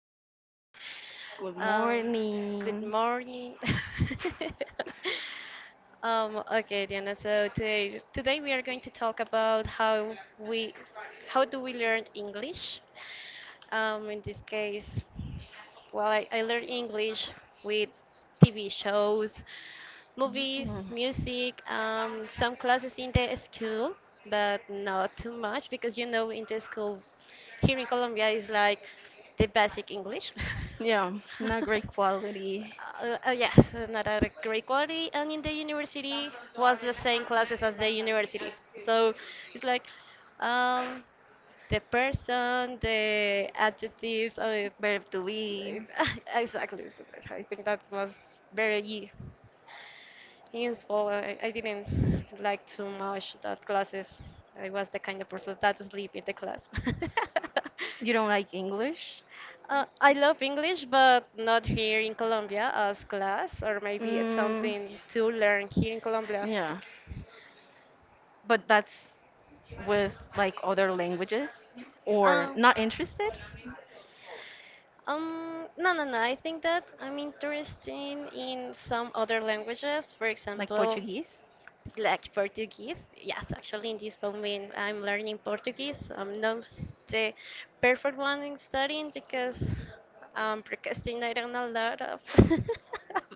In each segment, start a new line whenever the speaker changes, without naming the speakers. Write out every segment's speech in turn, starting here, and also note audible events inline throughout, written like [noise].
Diana.
good
Um, Good
morning.
morning. [laughs] Okay, Diana. So today we are going to talk about how do we learn English? In this case, well, I learned English with TV shows,
Mm.
movies, music, some classes in the school, but not too much because you know in the school here in Colombia is like the basic English. [laughs]
Yeah, not great quality.
Yes, not a great quality. And in the university was the same classes as the university. So it's like um, the person, the adjectives,
Better to be.
like, [laughs] exactly. So I think that was very useful. I didn't like too much that classes. I was the kind of person that sleep in the class. [laughs]
You don't like English?
I love English, but not here in Colombia as class, or maybe it's
Mm,
something to learn here in Colombia.
yeah, but that's with like other languages or
Um,
not interested,
No, no, no. I think that I'm interested in some other languages, for
like
example,
Portuguese?
like Portuguese. Yes, actually, in this moment, I'm learning Portuguese. I'm not the perfect one in studying because I'm procrastinating a lot of. [laughs]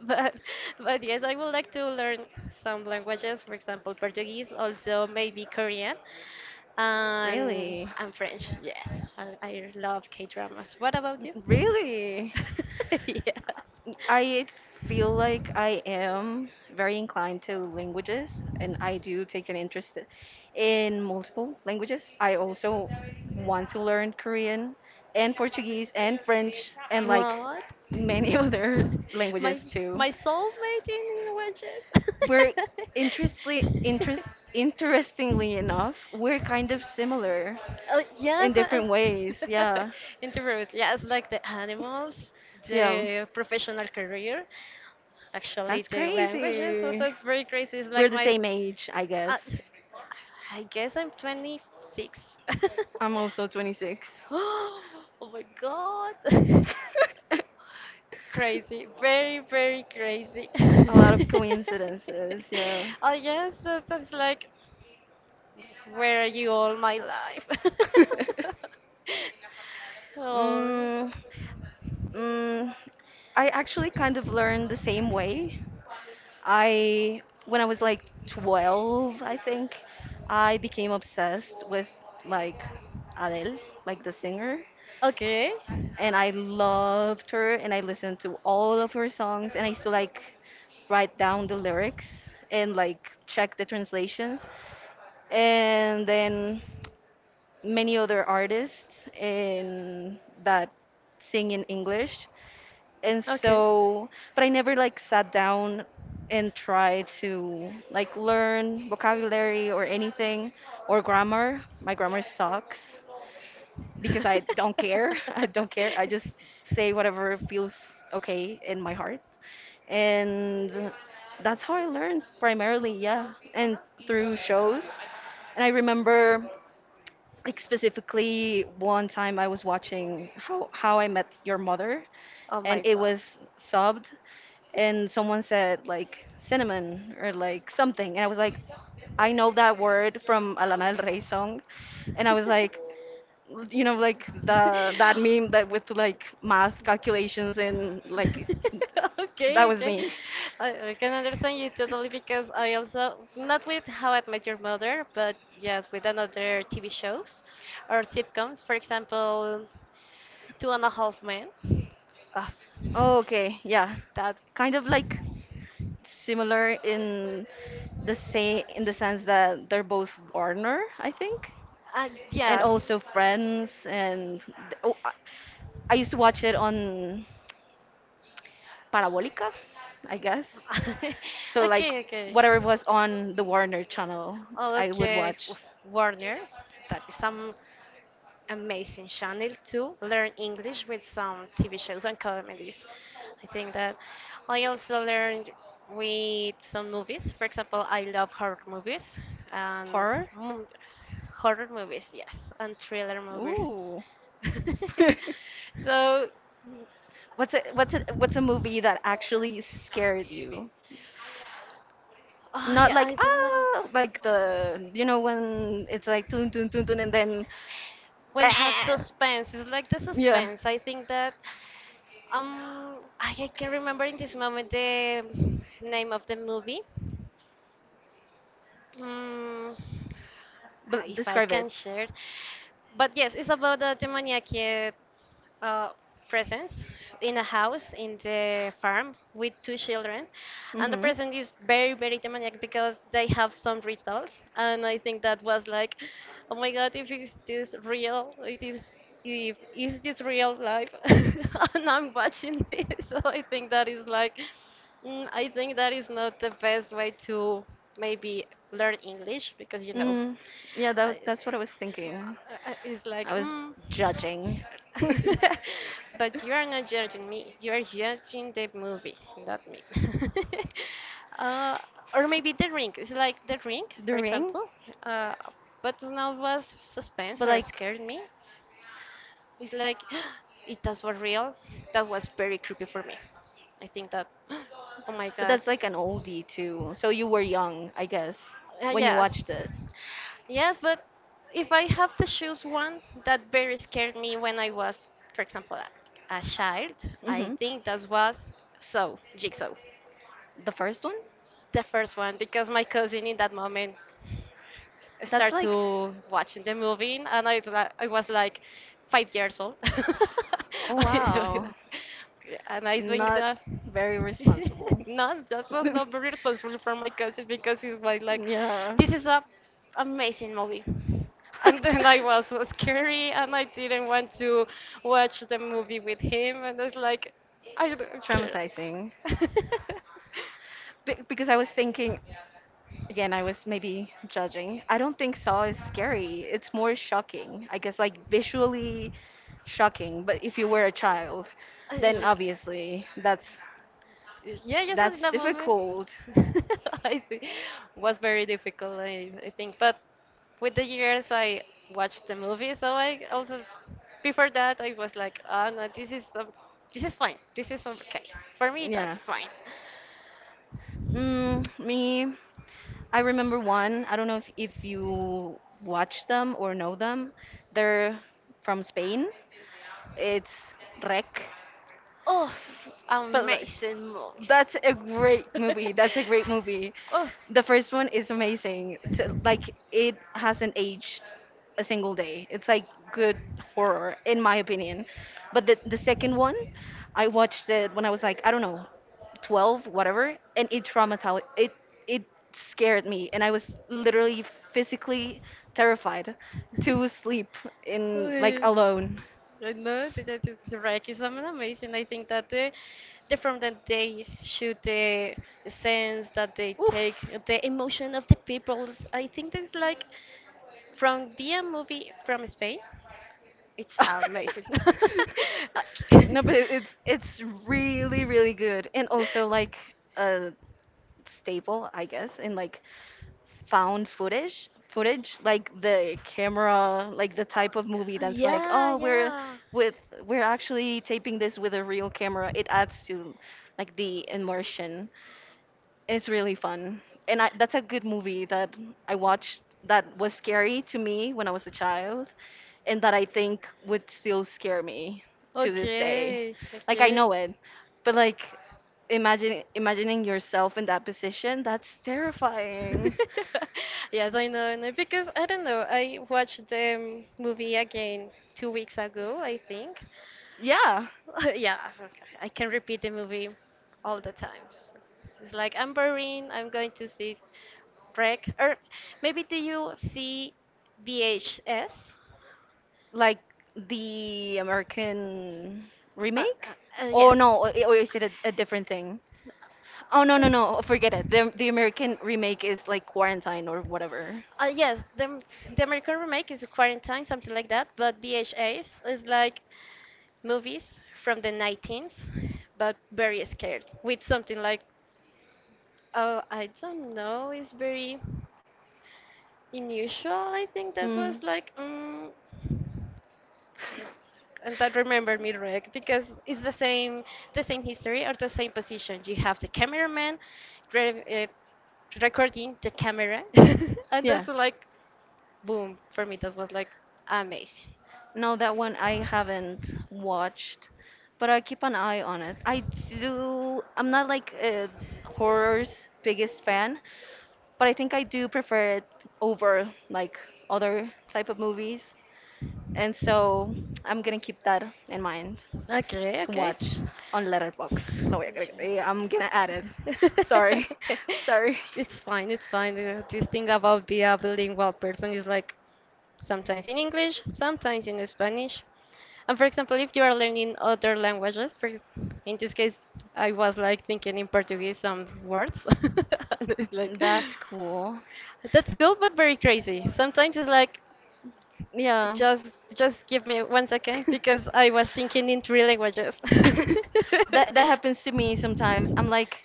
But, but yes, I would like to learn some languages, for example, Portuguese, also maybe Korean. And
Really?
I'm French. Yes, I love K-dramas. What about you?
Really?
[laughs] Yes.
I feel like I am very inclined to languages, and I do take an interest in multiple languages. I also want to learn Korean and Portuguese and French and like
What?
many [laughs] other
My
languages too.
my soulmate in wedges.
We're
[laughs]
interestingly interest interestingly enough, we're kind of
Oh,
similar
yes,
in
I,
different ways. Yeah.
interrupt. [laughs] Yes, like the animals,
Yeah.
the professional career, actually
That's
the languages. So
crazy.
that's very crazy. It's
We're
like
the
my,
same age, I
I,
guess.
I guess I'm 26. [laughs]
I'm also 26.
[gasps] Oh my god.
[laughs]
[laughs] Crazy. Very, very crazy.
A lot
[laughs]
of coincidences, yeah.
I guess that's like where are you all my life?
[laughs]
[laughs] Oh.
mm, mm, I actually kind of learned the same way. I, when I was like 12, I think, I became obsessed with like Adele, like the singer,
Okay.
and I loved her and I listened to all of her songs and I used to like write down the lyrics and like check the translations. And then many other artists in that sing in English. And
Okay.
so, but
[laughs]
I never like sat down and tried to like learn vocabulary or anything or grammar. My grammar sucks because I don't care. [laughs] I don't care. I just say whatever feels okay in my heart. And that's how I learned primarily, yeah, and through shows. And I remember like specifically one time I was watching how I met your mother,
Oh
and
my
it
god.
was subbed, and someone said like cinnamon or like something, and I was like I know that word from Alana Del Rey song, and I was like, you know, like the
[laughs]
that meme that with like math calculations and like that
Okay,
was
okay.
me.
I can understand you totally because I also, not with How I Met Your Mother, but yes, with another TV shows or sitcoms. For example, Two and a Half Men. Ah,
Oh, okay. Yeah.
that,
Kind of like similar in the say in the sense that they're both Warner, I think, and
yes.
also Friends. And th- oh, I used to watch it on Parabolica, I guess.
[laughs]
So like
Okay, okay.
whatever was on the Warner channel,
Oh,
I would
okay,
watch
with Warner. That is some amazing channel to learn English with some TV shows and comedies. I think that I also learned with some movies. For example, I love horror movies and
horror.
mm, horror movies, yes, and thriller movies.
Ooh.
[laughs]
[laughs]
So,
What's a movie that actually scared you?
oh
Not
yeah,
like
I don't know.
ah, like the you know when it's like tun tun tun tun and then bah!
When have suspense, it's like the
Yeah.
suspense. I think that I can remember in this moment the name of the movie. Mm,
But
if I
describe it.
can share. But yes, it's about the Demoniac yeah, uh, presents in a house in the farm with two children. And the
Mm-hmm.
present is very, very demoniac because they have some rituals. And I think that was like, oh my God, if is this real? It is, if is this real life? [laughs] And I'm watching this. [laughs] So I think that is like, I think that is not the best way to maybe learn English because you know.
Mm, yeah, that was
I,
that's what I was thinking.
it's
I
like,
was
mm.
judging. [laughs]
[laughs] But you are not judging me. You are judging the movie, not me. [laughs] uh, or maybe The Ring. It's like The Ring,
The
for
ring?
example. Uh, but now was
But
suspense or
like
scared me. It's like, [gasps] it that was real. That was very creepy for me. I think that, [gasps] oh my
But
god,
that's like an oldie too. So you were young, I guess,
uh,
when you
yes.
watched it.
Yes, but if I have to choose one that very scared me when I was, for example, a child, I
Hmm.
think that was so Jigsaw,
The first one?
the first one, because my cousin in that moment
That's
start
like,
to watching the movie, and I was like 5 years old. [laughs]
oh wow,
And I think
not
that
very responsible.
[laughs] no, that
[laughs]
was not very responsible for my cousin because it was like,
Yeah.
this is a amazing movie. And then I was scary and I didn't want to watch the movie with him. And I was like, I
[laughs]
don't
Traumatizing. Be- because I was thinking, again, I was maybe judging. I don't think Saw is scary. It's more shocking. I guess like visually shocking, but if you were a child, then
care. [laughs] [laughs]
obviously
Yeah, just in
that's
that moment,
difficult.
[laughs] I think was very difficult. I think, but with the years, I watched the movie, so I also before that I was like, ah, no, this is fine. This is okay for me. That's
Yeah.
fine.
Mm, me, I remember one. I don't know if you watch them or know them. They're from Spain. It's Rec.
Oh,
But like,
amazing movies.
that's a
[laughs]
great movie. That's a great movie. The first one is amazing. T like it hasn't aged a single day. It's like good horror in my opinion. But the second one, I watched it when I was like, I don't know, 12, whatever, and it traumatized it it scared me and I was literally physically terrified to sleep in like
Oh. [laughs]
alone.
I know the rec is amazing. I think that the form that they shoot, the sense that they
Oof.
take, the emotion of the people, is- I think that's like from be a movie from Spain. It's amazing.
[laughs]
[laughs]
No, but it's it's really really good, and also like a staple, I guess, in like found footage, footage like the camera, like the type of movie
Okay.
that's like,
Yeah,
oh,
yeah.
with we're actually taping this with a real camera. It adds to like the immersion. It's really fun. And I, that's a good movie that I watched that was scary to me when I was a child and that I think would still scare me to this day.
Okay,
Like I
okay.
know it, but like imagine imagining yourself in that position, that's terrifying.
[laughs] Yes, I know, I know. Because I don't know, I watched the movie again 2 weeks ago, I think.
Yeah,
[laughs] Yeah, so I can repeat the movie all the times. It's like I'm boring, I'm going to see Wreck. Or maybe do you see VHS?
like the American remake? Oh no,
Yes.
or is it a different thing? Oh no, no, no, forget it. The American remake is like Quarantine or whatever.
Yes, the American remake is Quarantine, something like that, but B H As is like movies from the 19th, but very scared, with something like, oh, I don't know, it's very unusual. I think that
Hmm.
was like, mm.
[laughs]
And that remembered me, Rick, because it's the same history or the same position. You have the cameraman gra- uh, recording the camera, [laughs] and that's
Yeah,
like boom for me. That was like amazing.
no, that one I haven't watched, but I keep an eye on it. I do, I'm not like a horror's biggest fan, but I think I do prefer it over like other type of movies. And so I'm gonna keep that in mind
Okay,
to
okay.
watch on Letterboxd. Lo voy a agregar-
Visual.
eh, I'm gonna add it.
[laughs]
[laughs] Sorry, [laughs] sorry.
It's fine, it's fine. This thing about be a bilingual person is like sometimes in English, sometimes in Spanish. And for example, if you are learning other languages, in this case, I was like thinking in Portuguese some words. [laughs] And it's like
That's cool.
that's cool, but very crazy. Sometimes it's like
Yeah.
just give me one
[laughs]
second because I was thinking in three languages.
that that happens to
[laughs]
me sometimes. I'm like,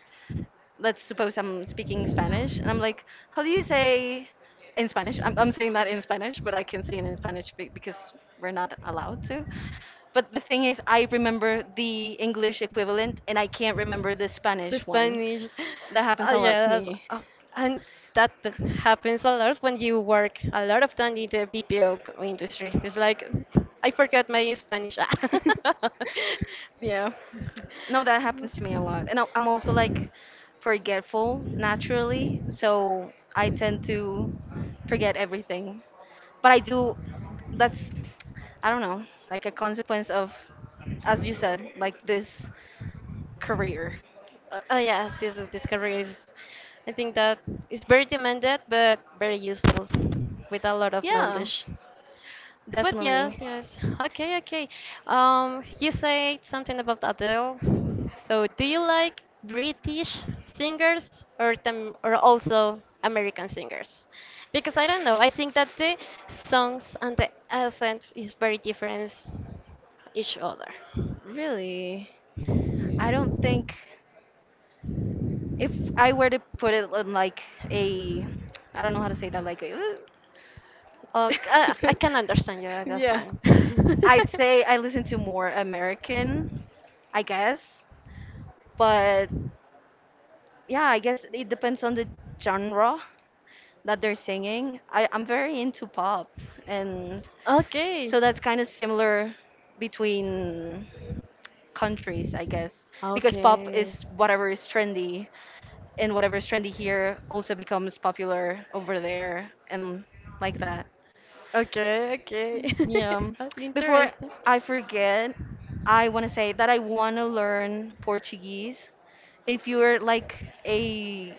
let's suppose I'm speaking Spanish, and I'm like, how do you say in Spanish? I'm saying that in Spanish, but I can say it in Spanish be- because we're not allowed to. But the thing is, I remember the English equivalent, and I can't remember the
The
Spanish one.
Spanish.
That happens
Oh,
a lot
yeah,
to
that's,
me.
oh, and that happens a lot when you work a lot of time in the BPO industry. It's like, I forgot my Spanish. [laughs]
[laughs] Yeah. No, that happens to me a lot. And I- I'm also like forgetful naturally, so I tend to forget everything. But I do, that's, I don't know, like a consequence of, as you said, like this career.
Yes, this is. I think that it's very demanded, but very useful, with a lot of
Yeah,
knowledge. But yes,
definitely.
yes. Okay, okay. You said something about Adele. So, do you like British singers or them or also American singers? Because I don't know. I think that the songs and the accent is very different each other.
Really, I don't think if I were to put it on like a, I don't know how to say that, like a,
Okay, I can understand you.
[laughs]
At that's
yeah,
fine.
I'd say I listen to more American, I guess. But
[laughs]
yeah, I guess it depends on the genre that they're singing. I, I'm very into pop, and
Okay.
so
Ah,
that's kind of similar between countries, I guess, because pop is
okay.
whatever is trendy, and whatever is trendy here also becomes popular over there, and like that.
Okay, okay.
Yeah.
[laughs] That's
Before
interesting.
I forget, I want to say that I want to learn Portuguese. If you're like a,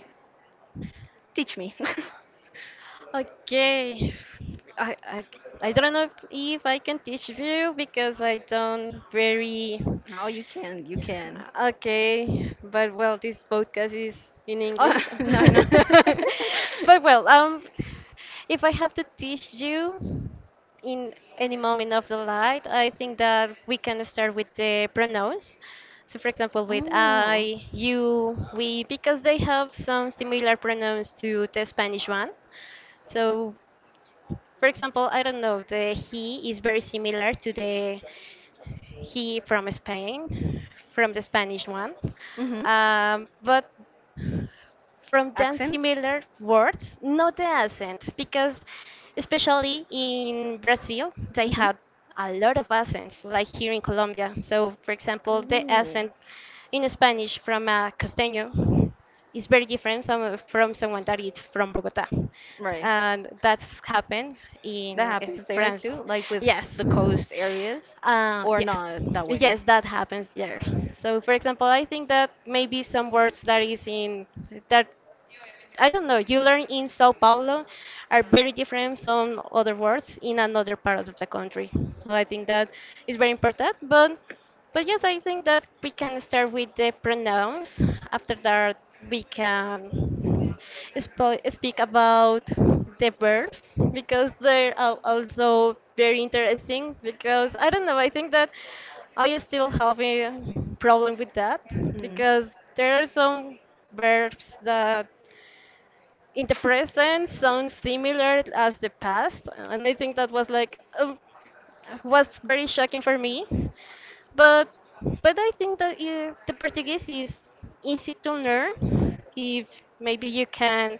teach me. [laughs]
Okay. I, I, I don't know if I can teach you because I don't very
No, you can. You can.
okay, but well, this podcast is in
Oh,
English.
[laughs] no, no. [laughs]
[laughs] But well, if I have to teach you in any moment of the light, I think that we can start with the pronouns. So, for example, with
Oh.
I, you, we, because they have some similar pronouns to the Spanish one. So for example, I don't know, the he is very similar to the he from Spain, from the Spanish one.
Mm-hmm.
But from them
Accent?
similar words, not the accent, because especially in Brazil, they
Mm-hmm.
have a lot of accents, like here in Colombia. So, for example, the
Ooh.
accent in Spanish from a costeño is very different some, from someone that is from Bogota.
Right.
And that's happened
That
in
happens there too,
France.
like with
Yes.
the coast areas, or
Yes,
not that way.
yes, that happens. Yeah. So, for example, I think that maybe some words that is in that I don't know, you learn in Sao Paulo are very different from other words in another part of the country. So I think that is very important. But yes, I think that we can start with the pronouns. After that, we can speak about the verbs because they're also very interesting. Because I don't know, I think that I still have a problem with that
Hmm.
because there are some verbs that in the
[laughs]
present sounds similar as the past and I think that was like was very shocking for me but but I think that the portuguese is easy to learn if maybe you can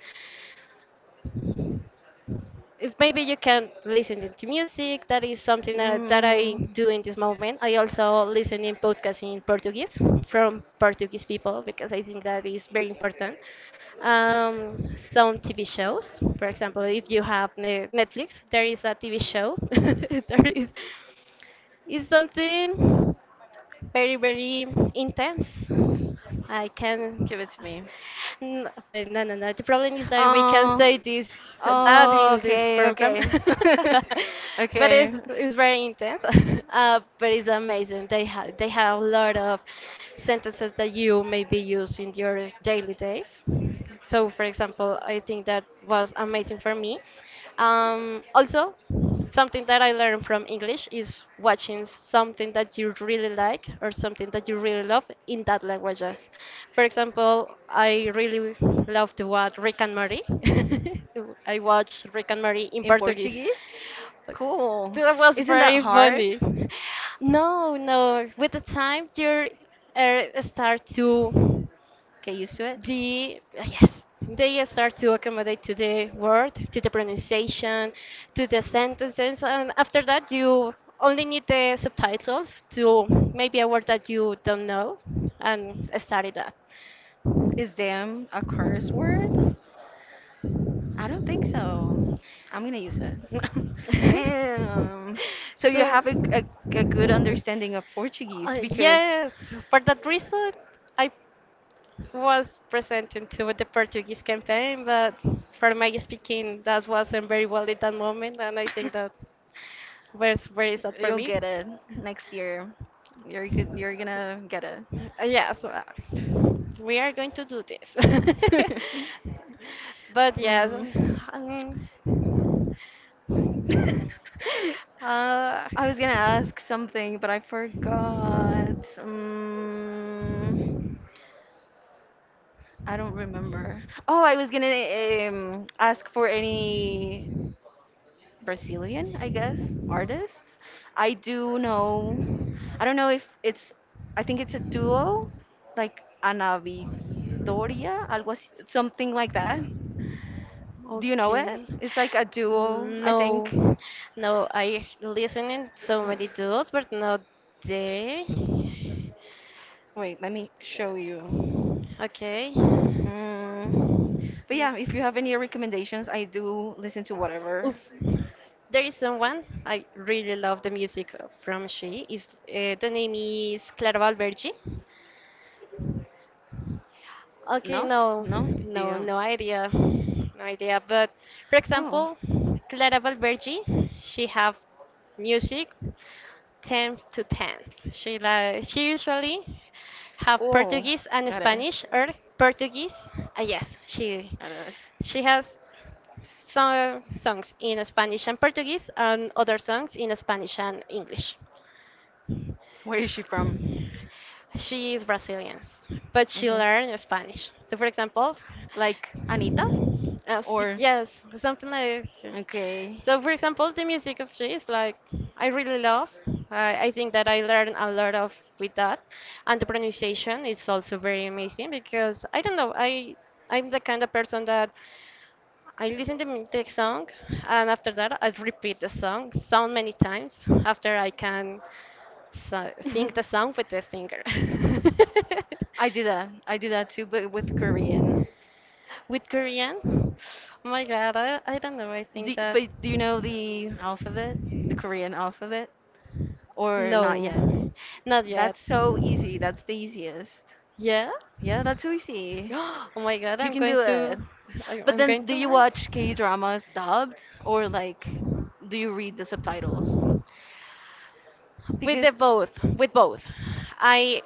listen to music that is something that I
Mm,
do in this moment I also listen in podcasts in portuguese from portuguese people because I think that is very important, some TV shows for example if you have netflix there is a TV show [laughs] there is it's something very, very intense. I can.
give it to me.
But no, no, no. The problem is that we can
Oh,
say this, that in
oh,
this
okay,
program. [laughs]
okay. [laughs]
But
Okay.
it's very intense. [laughs] But it's amazing. They have a lot of sentences that you maybe use in your daily life. So, for example, I think that was amazing for me. Also, something that I learned from English is watching something that you really like or something that you really love in that languages. For example, I really love to watch Rick and Morty. [laughs] I watch Rick and Morty in
In
Portuguese.
Portuguese? Cool.
That was
Isn't that
very
hard?
funny. No, no. With the time, you start to
Get used to it.
be yes they start to accommodate to the word, to the pronunciation, to the sentences, and after that you only need the subtitles to maybe a word that you don't know and study that.
Is damn a curse word? I don't think so. I'm gonna use it. [laughs] Damn. So
[laughs]
you
so
have a good understanding of Portuguese
uh,
because
yes, for that reason I was presented to the Portuguese campaign, but for my speaking, that wasn't very well at that moment, and I think that
[laughs]
was very sad for
you'll
me.
get it next year. You're gonna get it.
Yes, we are going to do this. [laughs]
[laughs]
But yes,
Mm.
um,
[laughs]
uh,
I was gonna ask something, but I forgot. I don't remember. Oh, I was gonna ask for any Brazilian, I guess, artists. I do know, I don't know if it's, I think it's a duo, like Ana Vitoria, algo así, something like that. Do you know it?
okay.
It's like a duo, I
No,
think.
no, I listening so
Wait,
many duos, but not there.
wait, let me show you.
Okay.
Mm, but yeah, if you have any recommendations, I do listen to whatever.
Oof. There is someone I really love the music from. She is the name is Clara Valvergi. Okay,
No?
no,
No? Do
no,
you?
no idea, no idea. But for
Oh.
example, Clara Valvergi, she have music 10 to 10. She usually have
Oh,
Portuguese and
got it.
Spanish or Portuguese. Ah yes,
Got it.
she has some songs in Spanish and Portuguese, and other songs in Spanish and English.
Where is she from?
She is Brazilian, but she learned Spanish. So, for example,
Like Anita? Or
yes, something like.
okay.
So, for example, the music of she is like I really love. I think that I learned a lot of with that, and the pronunciation is also very amazing because I don't know. I I'm the kind of person that I listen to the song, and after that, I repeat the song so many times after I can sing the song
[laughs]
with the singer. [laughs]
I do that. I do that too, but with Korean.
With Korean, oh my God, I don't know. I
Do,
think that
but do you know the alphabet? The Korean alphabet? Or not yet?
no, not
That's
yet.
so easy. That's the easiest.
Yeah?
Yeah, that's so
[gasps]
easy.
Oh my God,
You
I'm
can do
going to,
it. But
I'm
then,
going
do
to
you watch K
learn.
dramas dubbed or like, do you read the subtitles?
With
Because,
the both, with both. I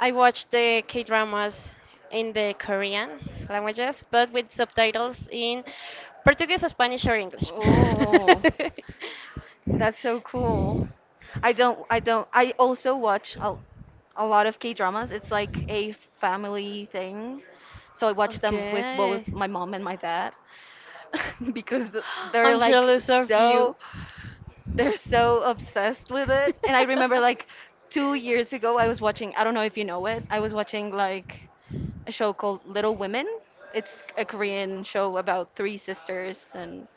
I watch the K dramas in the Korean languages, but with subtitles in Portuguese, Spanish, or English. [laughs]
oh, that's so cool. I don't, I don't, I also watch a lot of K-dramas. It's like a family thing. So I watch them with
Okay.
both my mom and my dad [laughs] because th-
[gasps]
they're
I'm
like
jealous of you.
so, they're so obsessed with it. And I remember like 2 years ago, I was watching, I don't know if you know it, I was watching like a show called
This
Little
is
Women. It's a Korean show about three sisters, and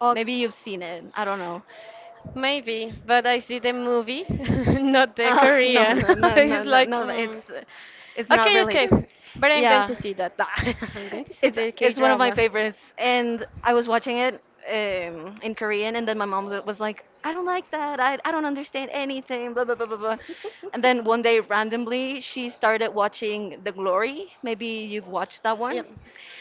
oh, have you
maybe
seen
you've
Little
seen it. I don't know.
maybe, but I see the movie, [laughs] not the
[laughs] No,
Korean.
no,
[laughs]
no, no,
It's
no,
like,
no. It's
mm.
it's not
Okay, okay,
related.
but I'm going to
Yeah,
see that. [laughs] I'm going to see the K
it's one of my
drama.
favorites, and I was watching it in Korean, and then my mom was like, "I don't like that. I don't understand anything." Blah blah blah blah blah. And
[laughs]
then one day, randomly, she started watching The Glory. Maybe you've watched that
Yeah.
one.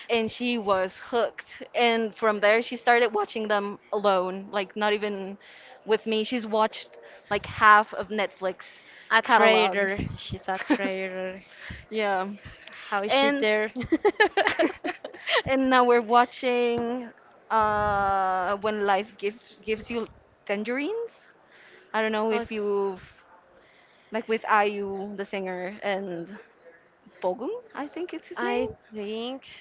And she was hooked. And from there, she started watching them alone, like not even with me. She's watched like half of Netflix
A
catalog.
traitor. She's a
[laughs]
traitor.
Yeah.
How is she
And
there? [laughs]
[laughs] and now we're watching when life gives you tangerines. I don't know
Oh,
if you've like with Ayu, the singer and Bogum, I think it's his
I
name.
think.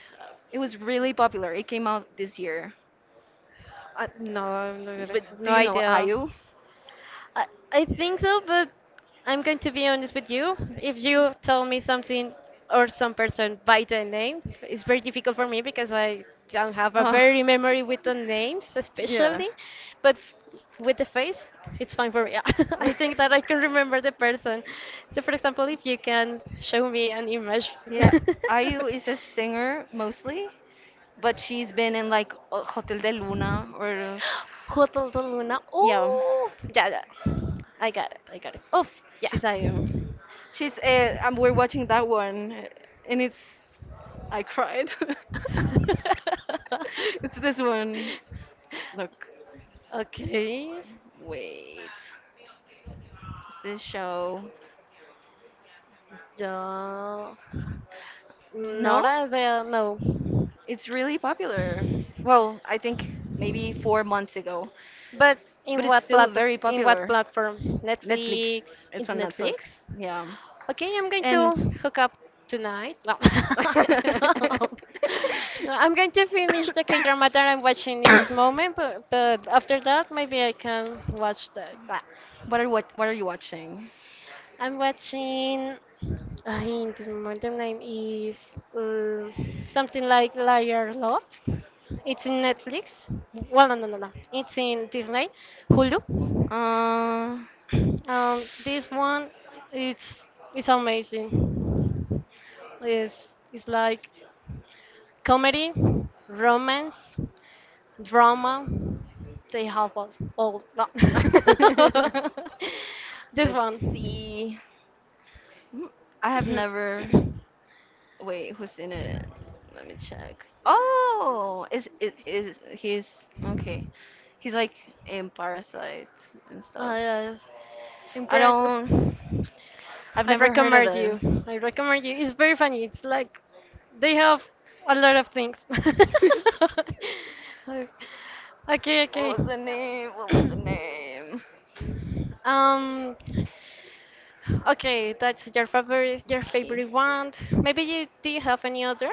It was really popular. It came out this year.
No, I'm not gonna-
But do
no
you know
idea.
Ayu?
I, I think so, but I'm going to be honest with you. If you tell me something or some person by the name, it's very difficult for me because I don't have a
Uh,
very memory with the names,
yeah.
especially. But f- with the face, it's fine for me. [laughs] I think that I
[laughs]
can remember the person. So, for example, if you can show me an image.
Yeah,
[laughs]
Ayu is a singer mostly, but she's been in like Hotel de Luna or
Hotel de Luna.
yeah,
Oh, yeah, yeah. I got it. I got it. Oh, yeah.
she's Ayu. She's and we're watching that one, and it's I cried. [laughs]
[laughs]
It's this one. Look,
Okay.
wait, is this show?
Yeah. Not
No,
idea, no.
it's really popular. Well, I think maybe 4 months ago,
But
but
in
it's
what
still
plat
very
in what
popular.
platform?
Netflix.
Netflix. In
It's on Netflix.
Netflix?
Yeah,
Okay, I'm going to
and
hook up tonight. Well,
[coughs] [laughs]
[laughs] no, I'm going to finish the K-drama that I'm watching in this moment, but after that, maybe I can watch the.
what are you watching?
I'm watching. I think the modern name is something like Liar Love. It's in Netflix. Well, no. It's in Disney, Hulu.
Uh,
This one, it's it's amazing. It's like comedy, romance, drama. They have all that.
[laughs]
[laughs] This
let's
one.
see. Hmm, I have
[coughs]
never. Wait, who's in it? Let me check. Oh, is he's okay? He's like in Parasite and stuff.
Yes.
I
Impressed.
don't. I've
I
never heard of
recommend
it.
you. I recommend you. It's very funny. It's like they have a lot of things.
[laughs]
[laughs] Okay,
What
okay.
was the name? What was the
[clears throat]
name?
um, okay. That's your
Okay.
favorite one. Maybe you do you have any other?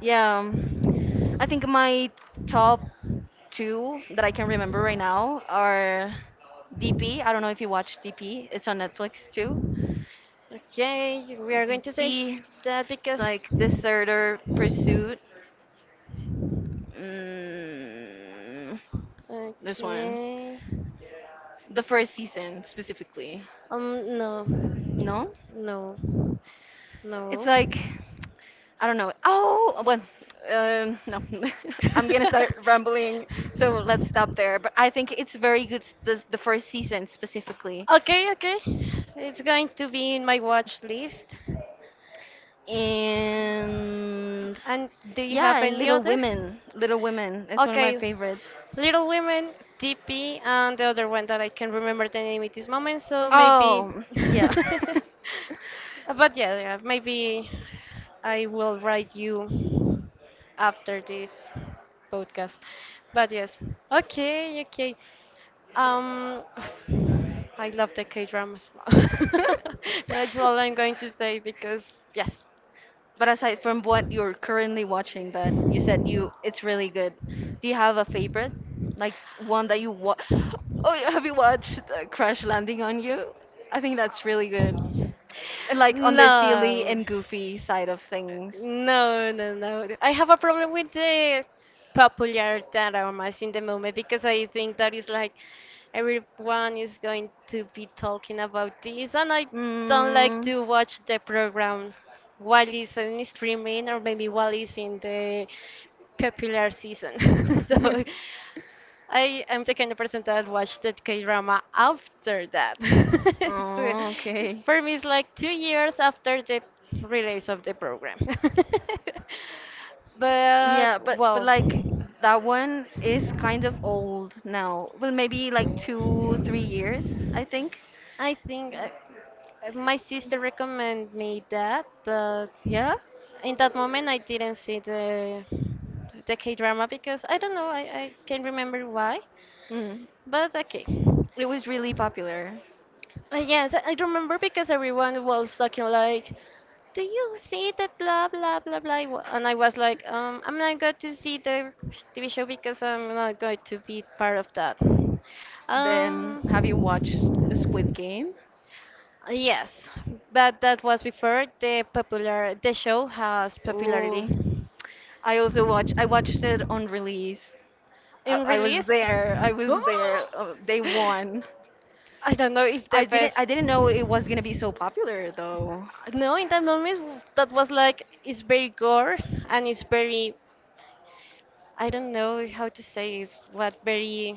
Yeah. Um, I think my top two that I can remember right now are DP. I don't know if you watch DP. It's on Netflix too.
Okay, we are going to say sh-
DP.
that
It's
because.
like Deserter Pursuit. Mm, this one.
Okay.
The first season specifically.
No,
No?
no,
It's
no.
like I don't know. Oh, well, no. [laughs] I'm gonna start rambling, so let's stop there. But I think it's very good. S- the first season specifically,
Okay, okay. It's going to be in my watch list.
and
And do you
yeah,
have
and
any
Little
other?
Women. Little Women is one of my
Okay,
favorites.
Little Women, D.P. and the other one that I can remember the name at this moment, so maybe.
Oh, yeah.
[laughs]
[laughs]
But yeah, yeah, maybe I will write you after this podcast. But yes, okay, okay. Um, [sighs] I love the K dramas. [laughs] That's all I'm going to say because yes.
But aside from what you're currently watching that you said you it's really good. Do you have a favorite? Like one that you wa [gasps] oh, yeah, have you watched Crash Landing on You? I think that's really good. And like on the silly
No.
and goofy side of things.
No, no, no. I have a problem with the popular dioramas in the moment because I think that is like everyone is going to be talking about this, and I don't like
Mm.
to watch the program while it's in streaming or maybe while it's in the popular season. [laughs] So
[laughs]
I am the kind of person that watched the K-drama after that. [laughs] So
Oh,
it's-
okay.
for me, it's like 2 years after the release of the program. [laughs] But
Yeah, but
well,
like that one is kind of old now. Well, maybe like two, 3 years, I think.
I think my sister recommended me that, but
Yeah.
in that moment I didn't see the K-drama because I don't know, I can't remember why.
Mm.
But okay.
It was really popular.
Yes, I remember because everyone was talking like, "Do you see that blah blah blah blah?" wa-" And I was like, "I'm not going to see the TV show because I'm not going to be part of that."
Then, have you
Um,
watched Squid Game?
yes, but that was before the popular the show has popularity
Oh, I also watched. I watched it on release. I,
in
I was
release.
there. I
[gasps]
was there. Day one.
I don't know if the
I didn't. I
best.
didn't know it was gonna be so popular though.
No, in that moment that was like it's very gore and it's very I don't know how to say is what very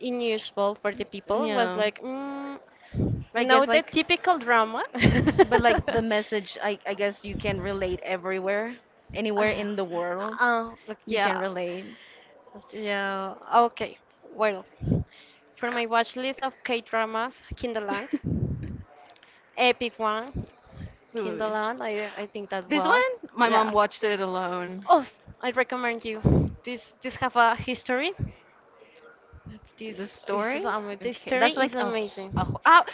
unusual for the people was
Yeah.
like mm,
But I guess
not the
like
typical drama.
But
[laughs]
like the message, I guess you can relate everywhere, anywhere
uh,
in the world.
look,
You can
yeah,
relate.
look, yeah. Okay, well, for my watch list of K dramas, Kinderland,
[laughs]
epic one,
Ooh.
Kinderland. I think that this
This
was one?
one,
My
my
mom yeah.
mom
watched
watched
it
it
alone.
alone.
Oh, I recommend you. This have a history. That's
The
this this is
story?
amazing. The
Okay,
story
that's
is
like a
amazing.
wh- ah,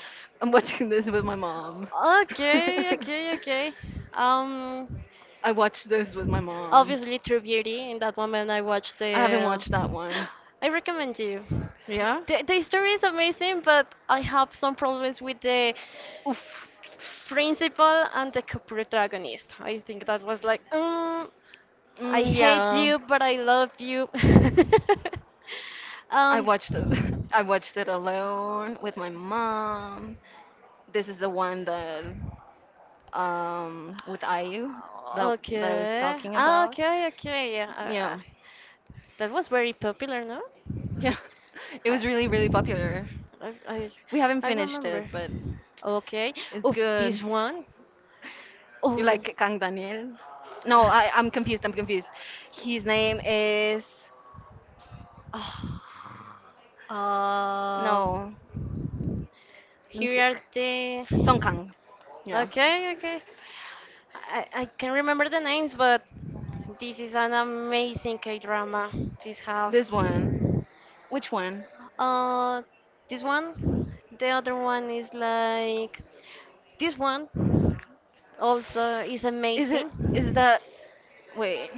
I'm watching this with my mom.
Okay,
[laughs]
okay, okay. Um,
I watched this with my mom.
obviously True Beauty. In that moment, I watched
I haven't
the.
watched that one.
[gasps] I recommend you.
Yeah.
The story is amazing, but I have some problems with the
Oof.
principal and the co-protagonist. I think that was like, mm, I
Mm,
hate
yeah.
you, but I love you. [laughs]
I
um,
watched it. [laughs] I watched it alone with my mom. This is the one that with
um,
IU that that I was
okay.
talking
Ah,
about.
okay, okay. Yeah,
Yeah.
that was very popular, no?
Yeah. [laughs] It
I,
was
really,
really really
really
popular. We haven't
I
finished it,
remember.
but
Okay.
it's
Oh,
good.
this one.
You
Like
like Kang Daniel? No, I'm confused. I'm confused. His name is. [sighs] Oh,
oh, Gangnam? No,
no, let me
here
check.
are
Song
the.
Kang. Yeah,
Okay, okay. I can remember the names, but this is an amazing K drama. This have
this one. Which one?
uh this one, the other one is like this one also is mhm.
Is it? Is
amazing.
that? Wait,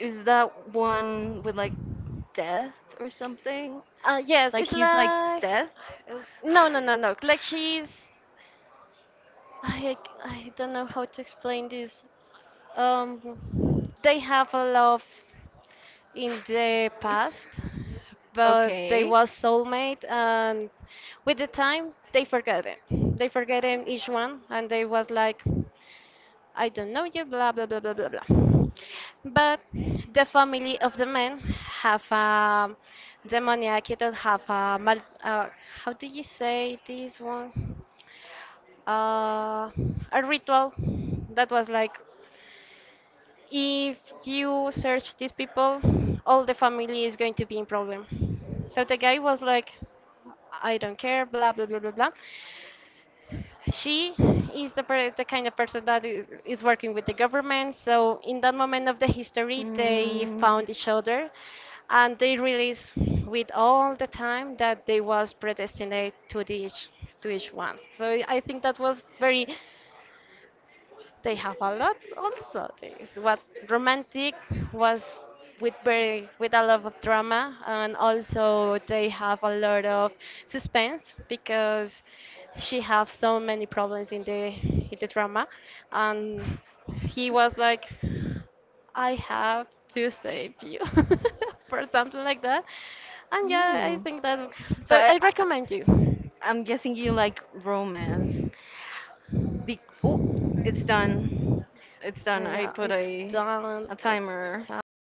is that one with like death or something?
Yes,
Like
it's
he's like
like
death?
no no no no like she's I I I don't know how to explain this. Um, they have a love in the past,
[laughs]
but they
Okay.
was soulmate, and with the time they forgot it. They forgot him each one, and they was like, I don't know you, blah blah blah blah blah blah. But the family of the man have a demoniac. It don't have a mal. How do you say this one? Uh, a ritual that was like if you search these people, all the family is going to be in problem. So the guy was like, I don't care, blah blah blah blah blah. She is the, per- the kind of person that is working with the government. So in that moment of the history, they
Mm.
found each other, and they realized with all the time that they was predestined to each one. So I think that was very they have a lot also. This what romantic was with very with a lot of drama and also they have a lot of suspense because she have so many problems in the drama and he was like I have to save you [laughs] for something like that. And yeah, I
Mm.
think that
So
but I
I
recommend you.
I'm guessing you like romance. Be oh, it's done. It's done. I
Yeah,
put
it's done.
a
It's
timer.
top.